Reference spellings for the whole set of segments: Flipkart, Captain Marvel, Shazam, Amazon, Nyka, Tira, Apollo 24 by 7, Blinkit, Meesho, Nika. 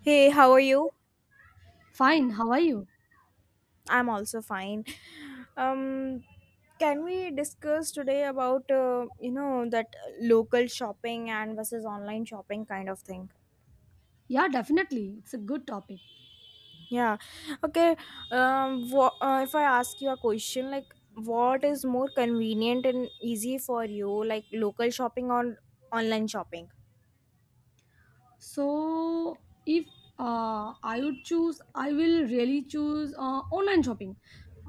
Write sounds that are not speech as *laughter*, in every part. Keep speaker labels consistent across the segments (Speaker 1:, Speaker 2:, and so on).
Speaker 1: Hey, how are you?
Speaker 2: Fine, how are you?
Speaker 1: I'm also fine. Um, can we discuss today about that local shopping and versus online shopping kind of thing?
Speaker 2: Yeah, definitely. It's a good topic.
Speaker 1: Yeah. Okay. If I ask you a question, like what is more convenient and easy for you, like local shopping or online shopping?
Speaker 2: So if I would choose I will really choose online shopping.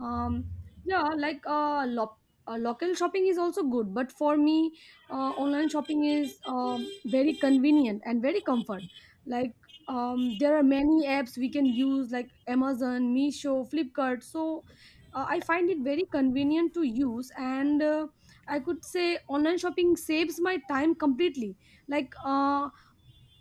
Speaker 2: um, yeah, local shopping is also good, but for me online shopping is very convenient and very comfort. like there are many apps we can use like Amazon, Meesho, Flipkart. So I find it very convenient to use, and I could say online shopping saves my time completely. Like,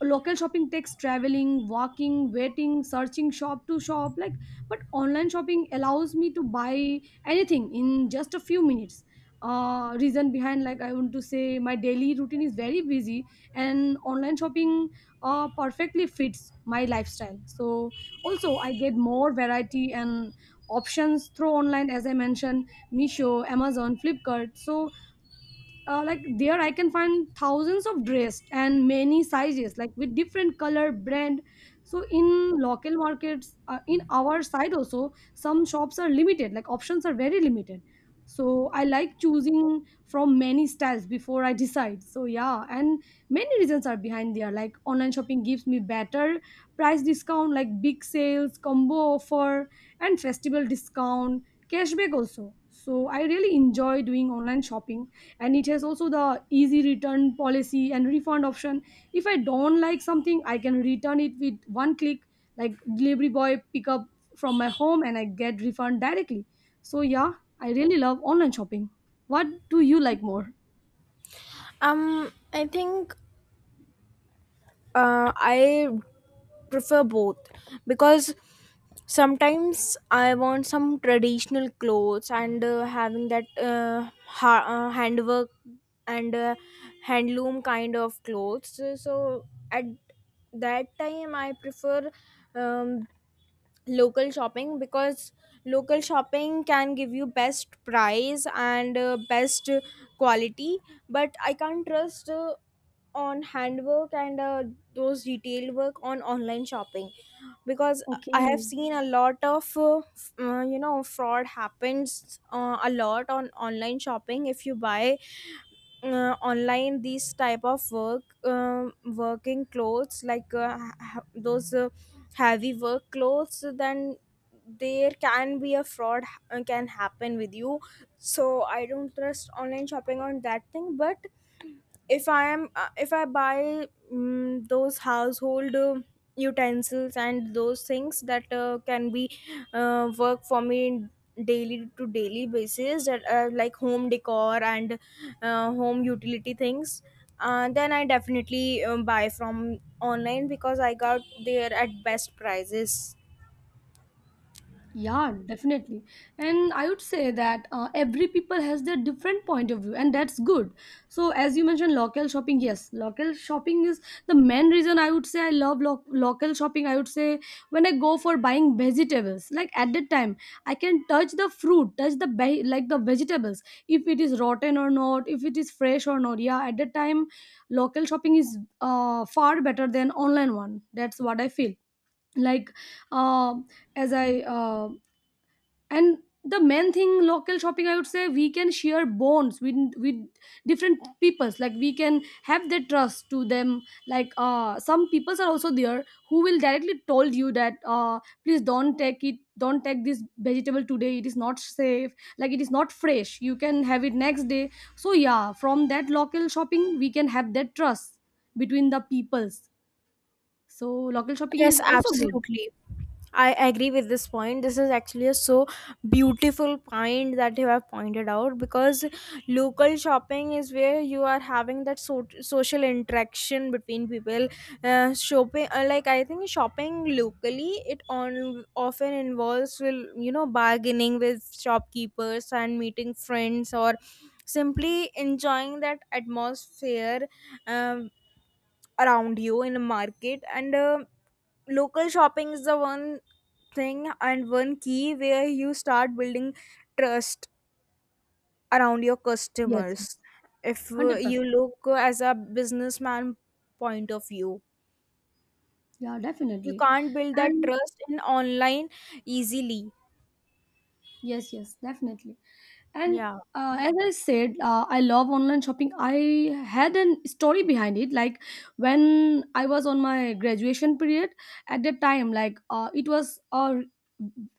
Speaker 2: local shopping takes traveling, walking, waiting, searching shop to shop, like, but online shopping allows me to buy anything in just a few minutes. Reason behind, like, I want to say my daily routine is very busy, and online shopping perfectly fits my lifestyle. So also I get more variety and options through online, as I mentioned, Misho, Amazon, Flipkart. So, like, there I can find thousands of dress and many sizes, like with different color, brand. So in local markets, in our side also, some shops are limited, like options are very limited. So I like choosing from many styles before I decide. So yeah, and many reasons are behind there. Like online shopping gives me better price discount like big sales, combo offer, and festival discount, cashback also. So I really enjoy doing online shopping, and it has also the easy return policy and refund option. If I don't like something, I can return it with one click. Like delivery boy pick up from my home, and I get refund directly. So yeah, I really love online shopping. What do you like more?
Speaker 1: I think I prefer both, because sometimes I want some traditional clothes and having that handwork and handloom kind of clothes. So at that time, I prefer um, local shopping, because local shopping can give you best price and best quality. But I can't trust on handwork and those detailed work on online shopping, because I have
Speaker 2: Okay.
Speaker 1: seen a lot of fraud happens a lot on online shopping. If you buy online these type of work working clothes like those heavy work clothes, then there can be a fraud can happen with you. So I don't trust online shopping on that thing. But if I am if I buy those household utensils and those things that can be work for me in daily to daily basis, that are like home decor and home utility things, then I definitely buy from online because I got there at best prices.
Speaker 2: Yeah, definitely. And I would say that every people has their different point of view, and that's good. So, as you mentioned, local shopping, yes, local shopping is the main reason, I would say, I love local shopping. I would say when I go for buying vegetables, like at that time, I can touch the fruit, touch the like the vegetables, if it is rotten or not, if it is fresh or not. Yeah, at that time, local shopping is far better than online one. That's what I feel. Like, uh, as I and the main thing, local shopping, I would say, we can share bonds with different peoples. Like we can have the trust to them. Like some peoples are also there who will directly told you that please don't take it, don't take this vegetable today, it is not safe, like it is not fresh, you can have it next day. So yeah, from that local shopping, we can have that trust between the peoples. So local shopping
Speaker 1: Yes,
Speaker 2: is also good.
Speaker 1: absolutely, I agree with this point. This is actually a so beautiful point that you have pointed out, because local shopping is where you are having that social interaction between people. Shopping, like I think shopping locally, it on often involves will bargaining with shopkeepers and meeting friends, or simply enjoying that atmosphere um, around you in a market. And. Local shopping is the one thing and one key where you start building trust around your
Speaker 2: Yes.
Speaker 1: customers, if
Speaker 2: 100%.
Speaker 1: you look as a businessman point of view.
Speaker 2: Yeah,
Speaker 1: You
Speaker 2: definitely.
Speaker 1: can't build that
Speaker 2: And
Speaker 1: trust in online easily.
Speaker 2: yes, yes, definitely. And
Speaker 1: Yeah.
Speaker 2: as I said, I love online shopping. I had an story behind it. Like when I was on my graduation period, at that time, like it was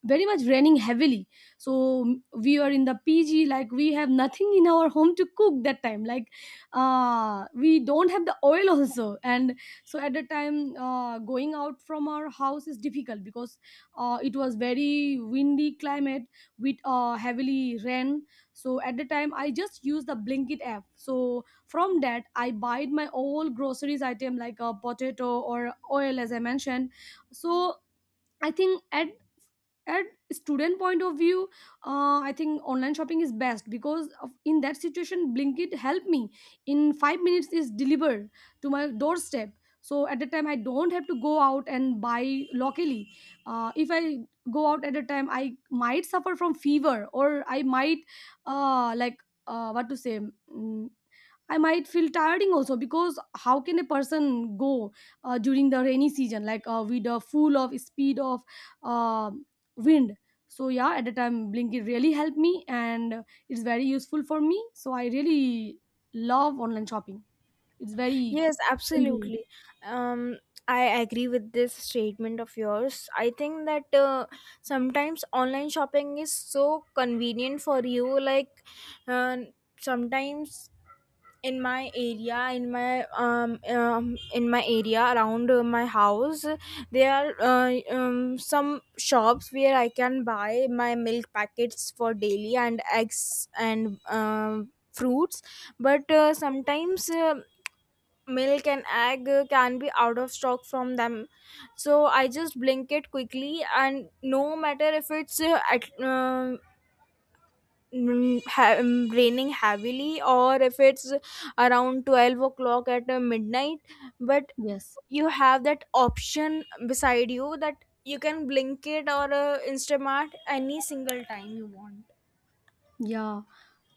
Speaker 2: very much raining heavily. So we were in the PG. Like we have nothing in our home to cook that time. Like we don't have the oil *laughs* also. And so at that time, going out from our house is difficult, because it was very windy climate with heavily rain. So at the time, I just used the Blinkit app. So from that, I buy my all groceries item, like a potato or oil, as I mentioned. So I think at student point of view, I think online shopping is best, because of, in that situation, Blinkit help me in 5 minutes is delivered to my doorstep. So at the time, I don't have to go out and buy locally. If I go out at a time, I might suffer from fever, or I might what to say, mm, I might feel tiring also, because how can a person go during the rainy season, like with the full of speed of uh, wind? So yeah, at the time Blinkit really helped me and it's very useful for me. So I really love online shopping. It's very
Speaker 1: Yes,
Speaker 2: convenient.
Speaker 1: absolutely. um I agree with this statement of yours. I think that sometimes online shopping is so convenient for you, like uh, sometimes in my area, around my house, there are some shops where I can buy my milk packets for daily and eggs and fruits. But sometimes milk and egg can be out of stock from them. So I just blink it quickly, and no matter if it's at, mm, ha- mm, raining heavily, or if it's around 12 o'clock at midnight. But
Speaker 2: Yes.
Speaker 1: you have that option beside you that you can blink it or instamart any single time you want.
Speaker 2: Yeah.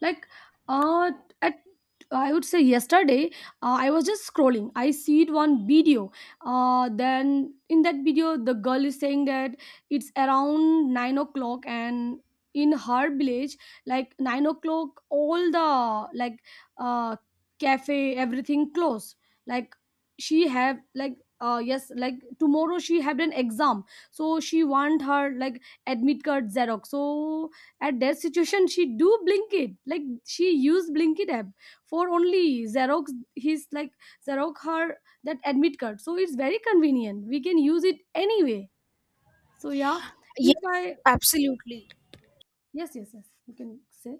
Speaker 2: like uh at I would say yesterday, I was just scrolling, I see it one video. Then in that video, the girl is saying that it's around 9 o'clock, and in her village, like 9 o'clock, all the, like, uh cafe, everything close. Like she have, like, yes, like tomorrow she had an exam, so she want her, like, admit card xerox. So at that situation, she do Blinkit, like she used Blinkit app for only xerox, his like xerox her that admit card. So it's very convenient, we can use it anyway. So yeah, if
Speaker 1: Yes,
Speaker 2: I
Speaker 1: absolutely.
Speaker 2: yes, yes, yes, you can say.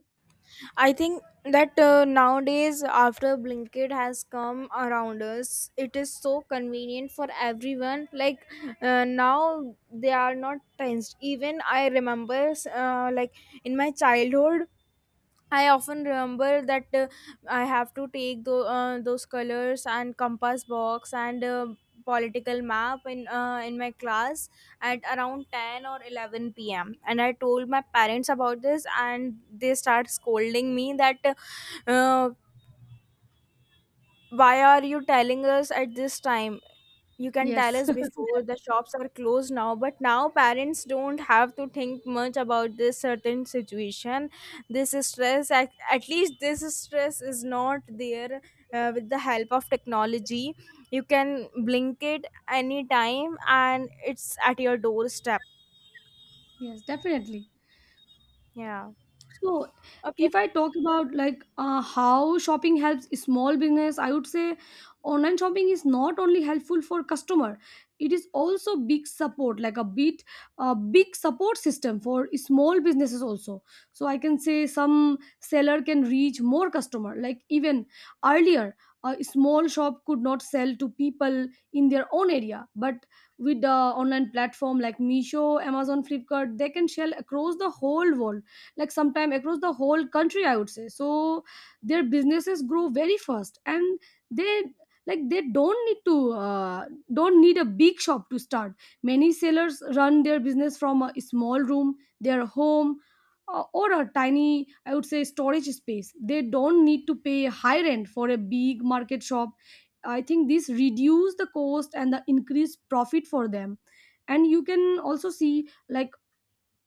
Speaker 1: I think that nowadays, after Blinkit has come around us, it is so convenient for everyone. Like now, they are not tensed. Even I remember, like in my childhood, I often remember that I have to take those colors and compass box and political map in my class at around 10 or 11 p.m., and I told my parents about this, and they start scolding me that uh, why are you telling us at this time. You can tell
Speaker 2: Yes.
Speaker 1: us before the shops are closed. Now but now parents don't have to think much about this certain situation. This stress, at least this stress is not there, with the help of technology. You can blink it anytime and it's at your doorstep.
Speaker 2: *laughs* Yes, definitely.
Speaker 1: Yeah.
Speaker 2: So,
Speaker 1: Okay.
Speaker 2: if I talk about how shopping helps small business, I would say online shopping is not only helpful for customer, it is also big support, like a big support system for small businesses also. So I can say some seller can reach more customer. Like even earlier, a small shop could not sell to people in their own area, but with the online platform like Meesho, Amazon, Flipkart, they can sell across the whole world, like sometime across the whole country, I would say. So their businesses grow very fast, and they, like they don't need to don't need a big shop to start. Many sellers run their business from a small room, their home, or a tiny, I would say, storage space. They don't need to pay high rent for a big market shop. I think this reduce the cost and the increased profit for them. And you can also see, like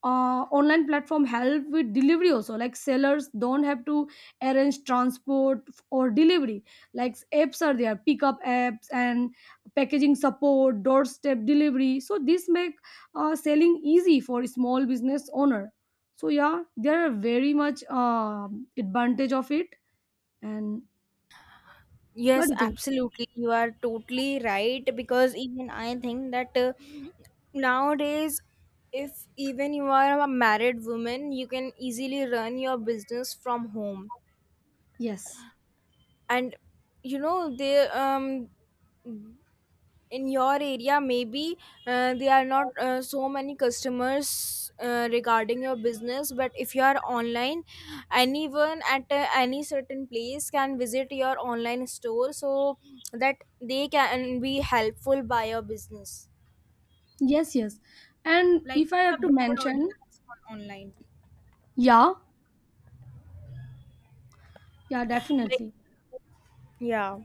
Speaker 2: online platform help with delivery also, like sellers don't have to arrange transport or delivery. Like apps are there, pickup apps, and packaging support, doorstep delivery, so this make selling easy for small business owner. So yeah, there are very much advantage of it. And what do
Speaker 1: Yes,
Speaker 2: you think?
Speaker 1: absolutely. You are totally right, because even I think that nowadays, if even you are a married woman, you can easily run your business from home.
Speaker 2: Yes,
Speaker 1: And you know, they in your area maybe there are not so many customers regarding your business. But if you are online, anyone at any certain place can visit your online store, so that they can be helpful by your business.
Speaker 2: yes, yes. And
Speaker 1: Like
Speaker 2: if I
Speaker 1: it's
Speaker 2: have
Speaker 1: a
Speaker 2: to
Speaker 1: broad
Speaker 2: mention,
Speaker 1: audience on online,
Speaker 2: yeah, yeah,
Speaker 1: like.
Speaker 2: definitely.
Speaker 1: Yeah.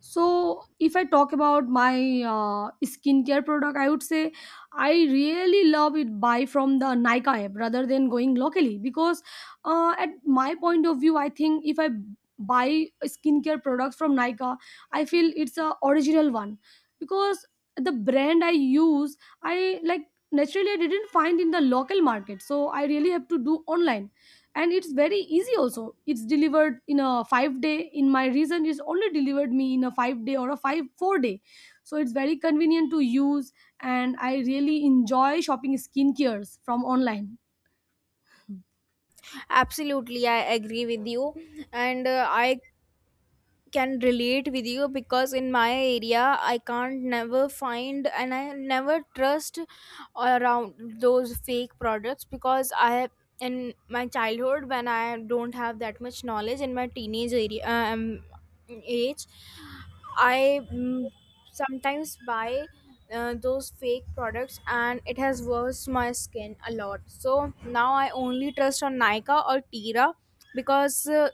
Speaker 2: So if I talk about my skincare product, I would say I really love it buy from the Nika app rather than going locally, because at my point of view, I think if I buy skincare products from Nika, I feel it's a original one, because the brand I use, I like, naturally I didn't find in the local market, so I really have to do online. And it's very easy also. It's delivered in a 5 day in my reason. It's only delivered me in a 5 day or a 5 4 day. So it's very convenient to use, and I really enjoy shopping skincares from online.
Speaker 1: Absolutely, I agree with you. And I can relate with you, because in my area I can't never find, and I never trust around those fake products. Because I have, in my childhood, when I don't have that much knowledge in my teenage area age, I sometimes buy those fake products, and it has worse my skin a lot. So now I only trust on Nika or Tira, because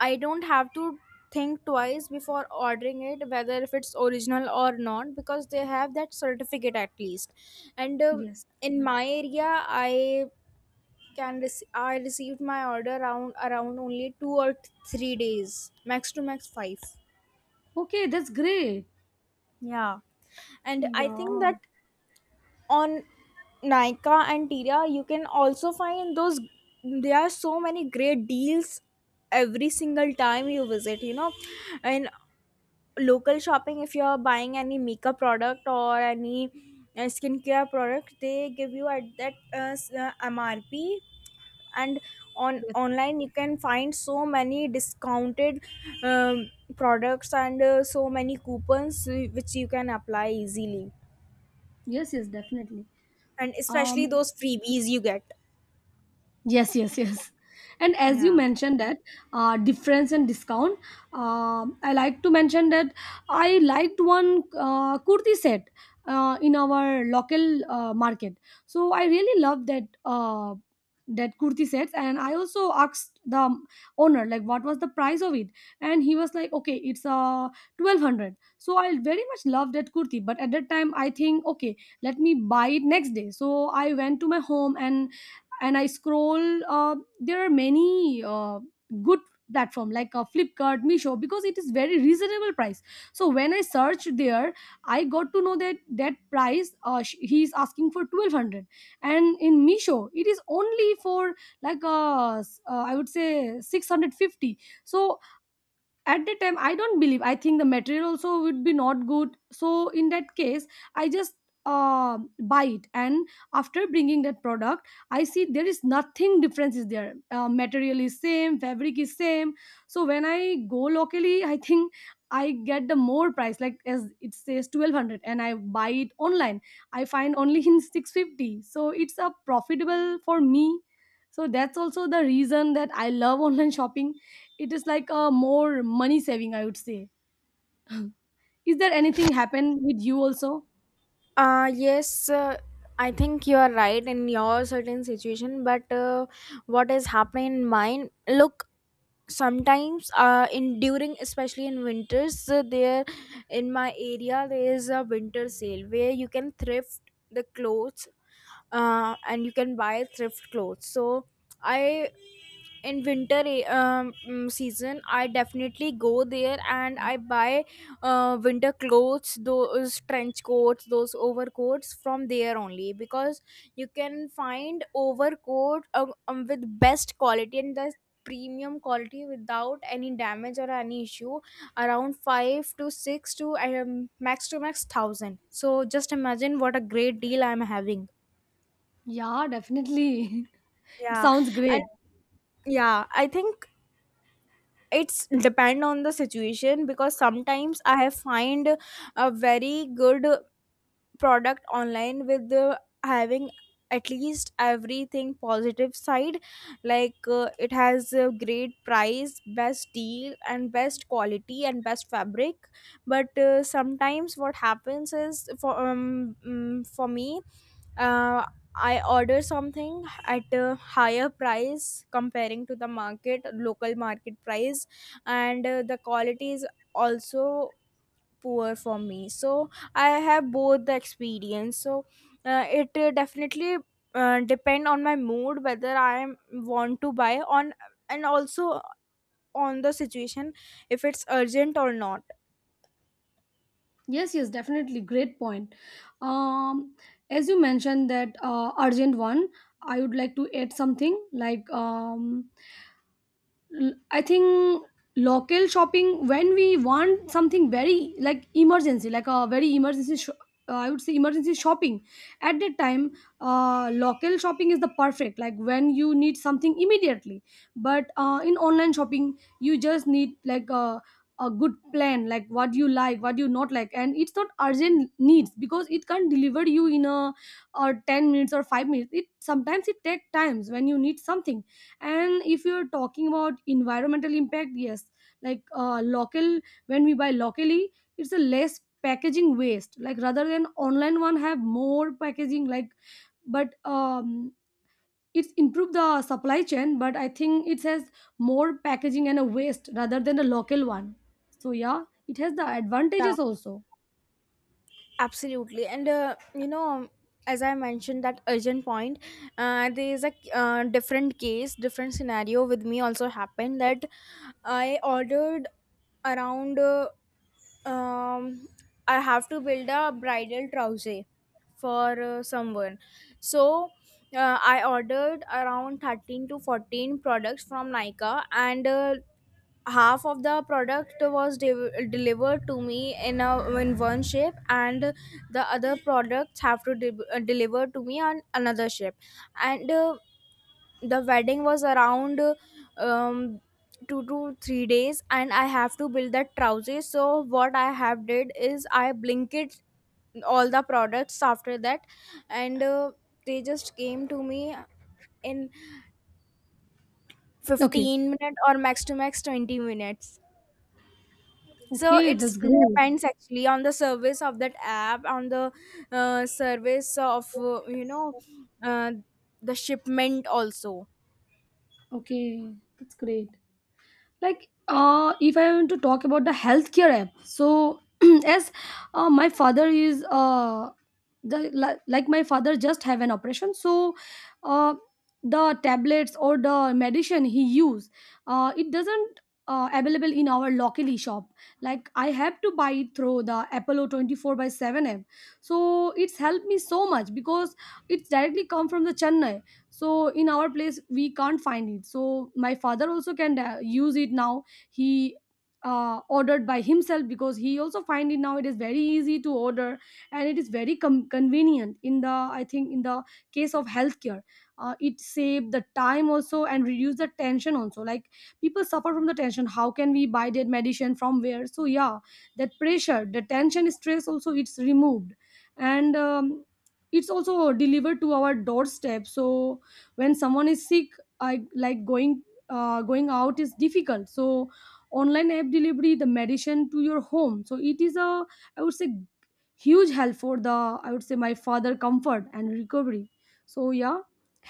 Speaker 1: I don't have to think twice before ordering it, whether if it's original or not, because they have that certificate at least. And
Speaker 2: Yes.
Speaker 1: in my area, I I received my order around, only two or 3 days, max to max five.
Speaker 2: Okay, that's great.
Speaker 1: Yeah, and I think
Speaker 2: Yeah.
Speaker 1: that on Nika and Tira, you can also find those. There are so many great deals every single time you visit. In local shopping, if you're buying any makeup product or any skincare product, they give you at that mrp. And on
Speaker 2: Yes,
Speaker 1: online, you can find so many discounted um, products and so many coupons which you can apply easily.
Speaker 2: yes, yes, definitely.
Speaker 1: And especially
Speaker 2: um
Speaker 1: those freebies you get.
Speaker 2: Yes, yes, yes. And as you
Speaker 1: Yeah.
Speaker 2: mentioned that difference and discount, I like to mention that I liked one kurti set in our local market. So I really love that that kurti sets, and I also asked the owner like what was the price of it, and he was like, okay, it's 1200. So I very much loved that kurti, but at that time I think, okay, let me buy it next day. So I went to my home, and and I scroll. There are many good platform, like Flipkart, Misho, because it is very reasonable price. So when I searched there, I got to know that that price, he is asking for 1200, and in Misho it is only for, like, I would say, 650. So at the time, I don't believe, I think the material also would be not good, so in that case I just buy it. And after bringing that product, I see there is nothing difference is there, material is same, fabric is same. So when I go locally, I think I get the more price, like as it says 1200, and I buy it online, I find only in 650. So it's a profitable for me. So that's also the reason that I love *laughs* online shopping. It is like a more money saving, I would say. Is there anything happen with you also?
Speaker 1: Yes, I think you are right in your certain situation. But what is happening in mine, look, sometimes in during, especially in winters, there in my area there is a winter sale where you can thrift the clothes, and you can buy thrift clothes. So I, in winter season, I definitely go there and I buy winter clothes, those trench coats, those overcoats, from there only. Because you can find overcoat with best quality and the premium quality, without any damage or any issue, around 5 to 6 to max to max 1,000. So just imagine what a great deal I'm having.
Speaker 2: Yeah, definitely. *laughs* It
Speaker 1: Yeah.
Speaker 2: sounds great.
Speaker 1: And yeah, I think it's depend on the situation, because sometimes I have find a very good product online with the having at least everything positive side. Like it has a great price, best deal and best quality and best fabric. But sometimes what happens is, for for me, uh, I order something at a higher price, comparing to the market, local market price, and the quality is also poor for me. So I have both the experience. So it definitely depend on my mood, whether want to buy on, and also on the situation, if it's urgent or not.
Speaker 2: Yes, yes, definitely, great point. um as you mentioned that urgent one, I would like to add something like. I think local shopping, when we want something very, like, emergency, like a very emergency. I would say emergency shopping. At that time, local shopping is the perfect, like when you need something immediately. But in online shopping, you just need like a good plan, like, what you not like, and it's not urgent needs because it can't deliver you in a or 10 minutes or 5 minutes. It takes times when you need something. And if you're talking about environmental impact, yes, like local, when we buy locally it's a less packaging waste, like rather than online one have more packaging like. But it's improved the supply chain, but I think it has more packaging and a waste rather than a local one. So yeah, it has the
Speaker 1: Yeah.
Speaker 2: advantages also.
Speaker 1: Absolutely. And, as I mentioned, that urgent point, there is a different case, different scenario with me also happened. That I ordered around, uh, um, I have to build a bridal trouser for someone. So, I ordered around 13 to 14 products from Nika, and half of the product was delivered to me in a in one ship, and the other products have to deliver to me on another ship. And the wedding was around um, 2 to 3 days, and I have to build that trousers. So what I have did is, I blinkered all the products after that, and they just came to me in
Speaker 2: Okay.
Speaker 1: 15 minutes or max to max 20 minutes. So
Speaker 2: Okay,
Speaker 1: it's
Speaker 2: that's great.
Speaker 1: depends actually on the service of that app, on the service of uh, the shipment also.
Speaker 2: Okay, that's great. Like uh, if I want to talk about the healthcare app, so *clears throat* as my father is uh, the like my father just have an operation. So uh, the tablets or the medicine he use, uh, it doesn't available in our locally shop. Like I have to buy it through the Apollo 24 by 7 app. So it's helped me so much because it's directly come from the Chennai. So in our place we can't find it, so my father also can use it now. He ordered by himself, because he also find it now it is very easy to order. And it is very convenient in the, I think, in the case of healthcare, it saved the time also and reduce the tension also. Like people suffer from the tension, how can we buy that medicine from where. So yeah, that pressure, the tension, stress also, it's removed. And it's also delivered to our doorstep. So when someone is sick, I like going, going out is difficult. So online app delivery the medicine to your home, so it is a, I would say, huge help for the, I would say, my father comfort and recovery. So yeah,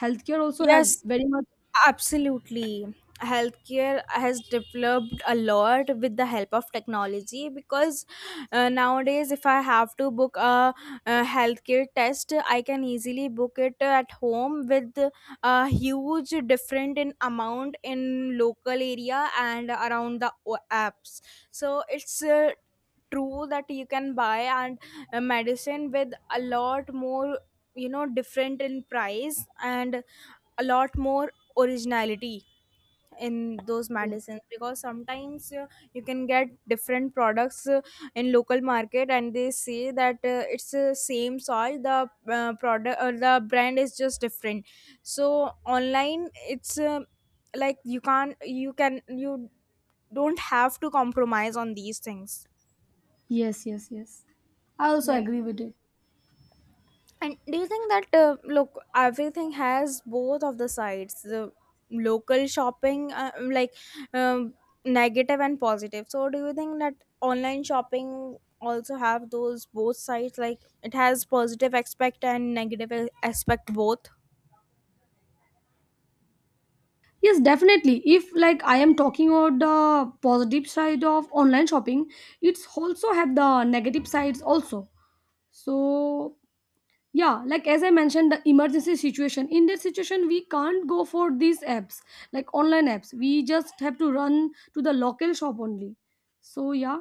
Speaker 2: healthcare also have
Speaker 1: Yes.
Speaker 2: very much.
Speaker 1: Absolutely. Healthcare has developed a lot with the help of technology, because nowadays, if I have to book a healthcare test, I can easily book it at home with a huge different in amount in local area and around the apps. So it's true that you can buy and medicine with a lot more different in price, and a lot more originality in those
Speaker 2: Yes,
Speaker 1: medicines, because sometimes you can get different products in local market, and they say that it's the same soil, the product or the brand is just different. So online it's like you can't you can you don't have to compromise on these things.
Speaker 2: yes, yes, yes, I also
Speaker 1: Yeah.
Speaker 2: agree with it.
Speaker 1: And do you think that, look, everything has both of the sides, the local shopping, like um, negative and positive. So do you think that online shopping also have those both sides, like it has positive aspect and negative aspect, both?
Speaker 2: Yes, definitely. If like I am talking about the positive side of online shopping, it's also have the negative sides also. So yeah, like as I mentioned, the emergency situation, in that situation we can't go for these apps, like online apps. We just have to run to the local shop only. So yeah,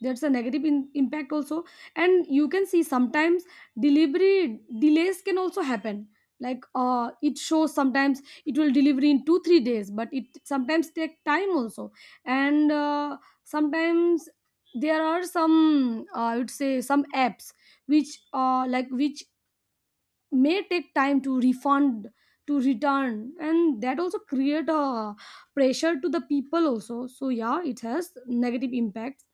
Speaker 2: that's a negative impact also. And you can see sometimes delivery delays can also happen. Like uh, it shows sometimes it will deliver in 2 3 days, but it sometimes take time also. And sometimes there are some I would say some apps which like which may take time to refund, to return, and that also create a pressure to the people also. So yeah, it has negative impacts.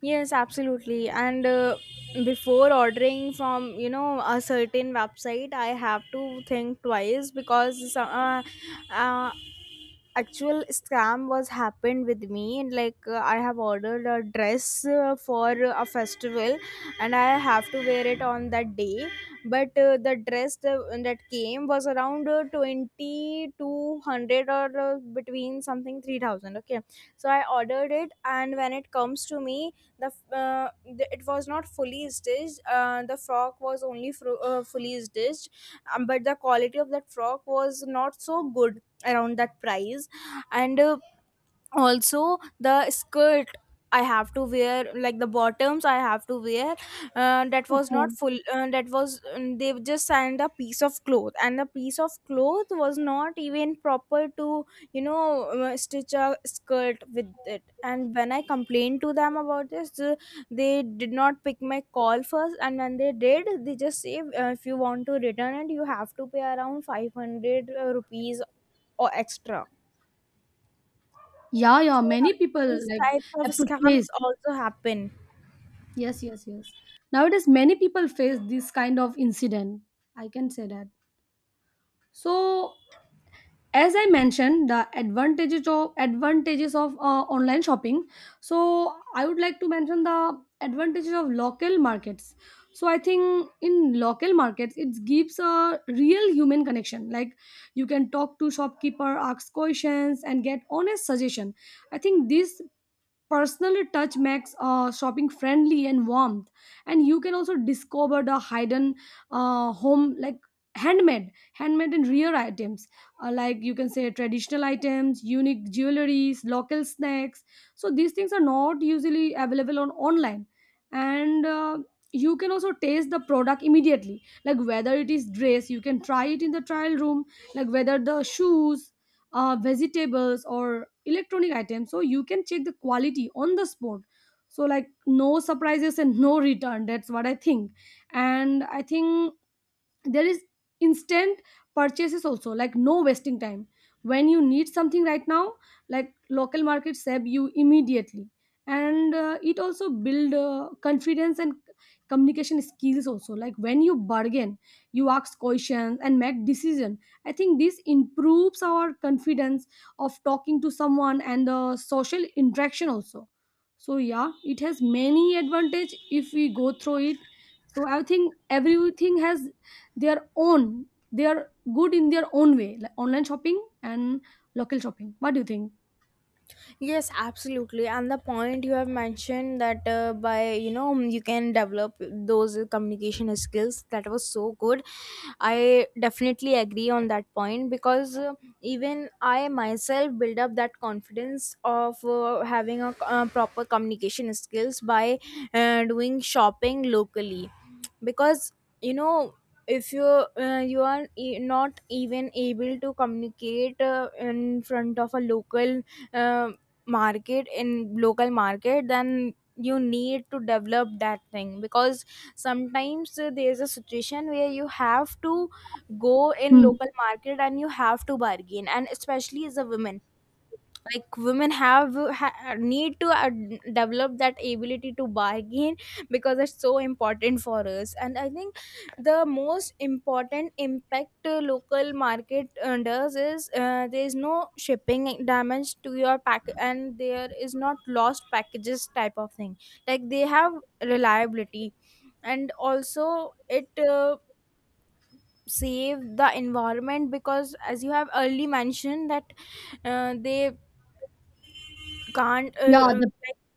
Speaker 1: Yes, absolutely. And Before ordering from a certain website, I have to think twice because uh, actual scam was happened with me. And I have ordered a dress for a festival, and I have to wear it on that day. But the that came was around 20 or between something 3,000. Okay, so I ordered it, and when it comes to me, the f- uh, it was not fully stitched. The frock was only fully stitched, but the quality of that frock was not so good around that price. And also the skirt, I have to wear, like the bottoms I have to wear, that was not
Speaker 2: Okay.
Speaker 1: full. That was, they just sent a piece of cloth, and the piece of cloth was not even proper to stitch a skirt with it. And when I complained to them about this, they did not pick my call first, and when they did, they just say, if you want to return it, you have to pay around 500 rupees or extra.
Speaker 2: Yeah, yeah,
Speaker 1: So
Speaker 2: many
Speaker 1: yeah,
Speaker 2: people
Speaker 1: these
Speaker 2: like
Speaker 1: types of
Speaker 2: have to
Speaker 1: scams
Speaker 2: face.
Speaker 1: also happen.
Speaker 2: Yes, yes, yes, nowadays many people face this kind of incident, I can say that. So as I mentioned the advantages of online shopping, so I would like to mention the advantages of local markets. So I think in local markets it gives a real human connection. Like you can talk to shopkeeper, ask questions and get honest suggestion. I think this personal touch makes shopping friendly and warm. And you can also discover the hidden home like handmade and rare items, like you can say traditional items, unique jewelries, local snacks. So these things are not usually available on online. And you can also taste the product immediately. Like whether it is dress, you can try it in the trial room. Like whether the shoes, vegetables or electronic items, so you can check the quality on the spot. So like no surprises and no return, that's what I think. And I think there is instant purchases also, like no wasting time. When you need something right now, like local markets serve you immediately. And it also build confidence and communication skills also. Like when you bargain, you ask questions and make decision, I think this improves our confidence of talking to someone and the social interaction also. So yeah, it has many advantage if we go through it. So I think everything has their own. They are good in their own way, like online shopping and local shopping. What do you think?
Speaker 1: Yes, absolutely. And the point you have mentioned that by you know you can develop those communication skills, that was so good. I definitely agree on that point because even I myself build up that confidence of having a proper communication skills by doing shopping locally. Because you know, if you you are not even able to communicate in front of a local, um, market, in local market, then you need to develop that thing. Because sometimes there's a situation where you have to go in
Speaker 2: Hmm.
Speaker 1: local market and you have to bargain, and especially as a woman, like women have need to develop that ability to bargain because it's so important for us. And I think the most important impact local market does is, there is no shipping damage to your pack, and there is not lost packages type of thing. Like they have reliability, and also it save the environment, because as you have early mentioned that they can't
Speaker 2: Yeah, the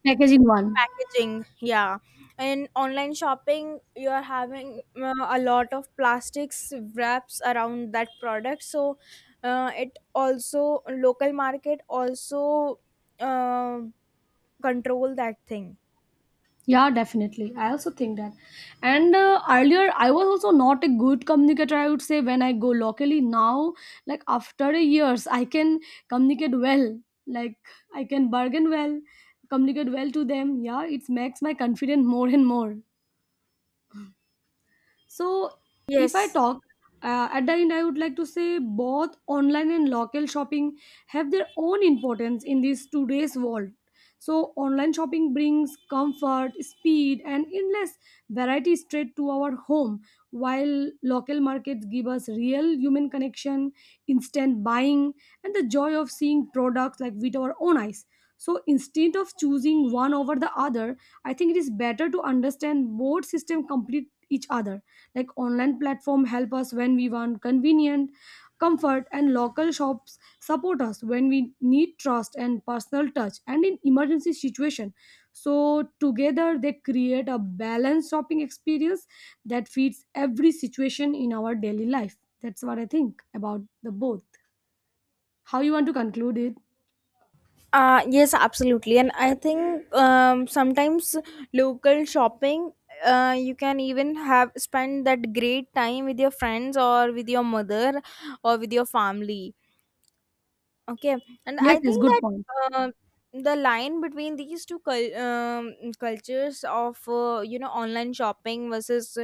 Speaker 2: packaging one.
Speaker 1: packaging, yeah. In online shopping you are having a lot of plastics wraps around that product. So it also local market also uh, control that thing.
Speaker 2: Yeah, definitely. I also think that. And earlier, I was also not a good communicator, I would say. When I go locally now, like after a years, I can communicate well. Like I can bargain well, communicate well to them. Yeah, it makes my confidence more and more. So, if I
Speaker 1: Yes.
Speaker 2: talk at the end, I would like to say both online and local shopping have their own importance in this today's world. So, online shopping brings comfort, speed, and endless variety straight to our home, while local markets give us real human connection, instant buying, and the joy of seeing products like with our own eyes. So, instead of choosing one over the other, I think it is better to understand both system complete each other. Like online platform help us when we want convenient comfort, and local shops support us when we need trust and personal touch and in emergency situation. So together they create a balanced shopping experience that fits every situation in our daily life. That's what I think about the both. How you want to conclude it?
Speaker 1: Yes, absolutely. And I think, sometimes local shopping, you can even have spend that great time with your friends or with your mother or with your family. Okay, and
Speaker 2: Yes,
Speaker 1: I
Speaker 2: yes,
Speaker 1: think
Speaker 2: good
Speaker 1: that,
Speaker 2: point.
Speaker 1: um the line between these two cultures of online shopping versus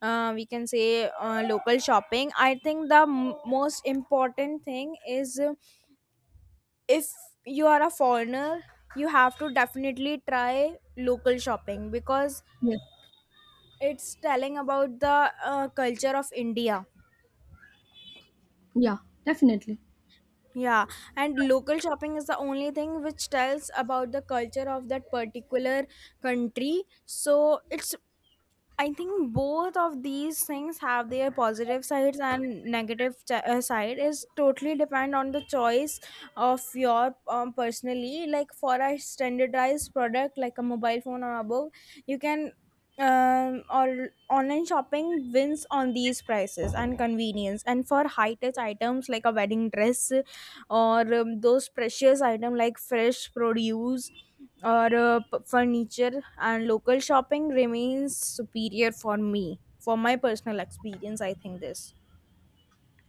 Speaker 1: we can say local shopping, I think the most important thing is, if you are a foreigner, you have to definitely try local shopping because
Speaker 2: Yes.
Speaker 1: it's telling about the culture of India.
Speaker 2: Yeah, definitely.
Speaker 1: Yeah, and local shopping is the only thing which tells about the culture of that particular country. So it's, I think both of these things have their positive sides and negative side is totally depend on the choice of your, personally. Like for a standardized product like a mobile phone or above, you can, or online shopping wins on these prices and convenience, and for high touch items like a wedding dress or, those precious item like fresh produce or furniture, and local shopping remains superior for me, for my personal experience, I think this.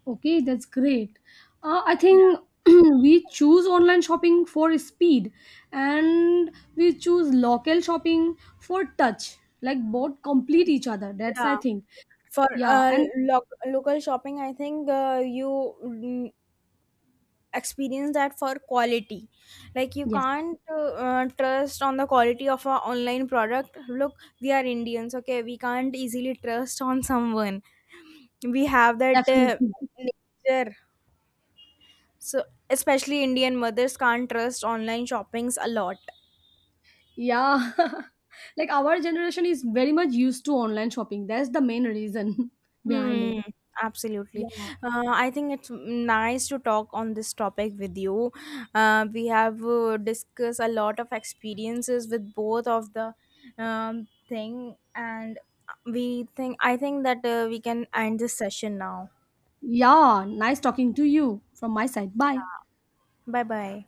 Speaker 2: Okay, that's great. I
Speaker 1: Yeah,
Speaker 2: think *clears throat* we choose online shopping for speed, and we choose local shopping for touch. Like both complete each other. That's I
Speaker 1: yeah.
Speaker 2: think.
Speaker 1: For
Speaker 2: Yeah, and
Speaker 1: local shopping, I think you, experience that for quality. Like you
Speaker 2: yes,
Speaker 1: can't trust on the quality of our online product, look, we are Indians. Okay, we can't easily trust on someone. We have that
Speaker 2: definitely.
Speaker 1: nature. So, especially Indian mothers can't trust online shoppings a lot.
Speaker 2: Yeah. *laughs* Like our generation is very much used to online shopping. That's the main reason *laughs* behind it.
Speaker 1: Hmm,
Speaker 2: Yeah.
Speaker 1: absolutely. I think it's nice to talk on this topic with you. We have discussed a lot of experiences with both of the, thing, and we think, I think that we can end this session now.
Speaker 2: Yeah, nice talking to you from my side. Bye.
Speaker 1: Bye bye.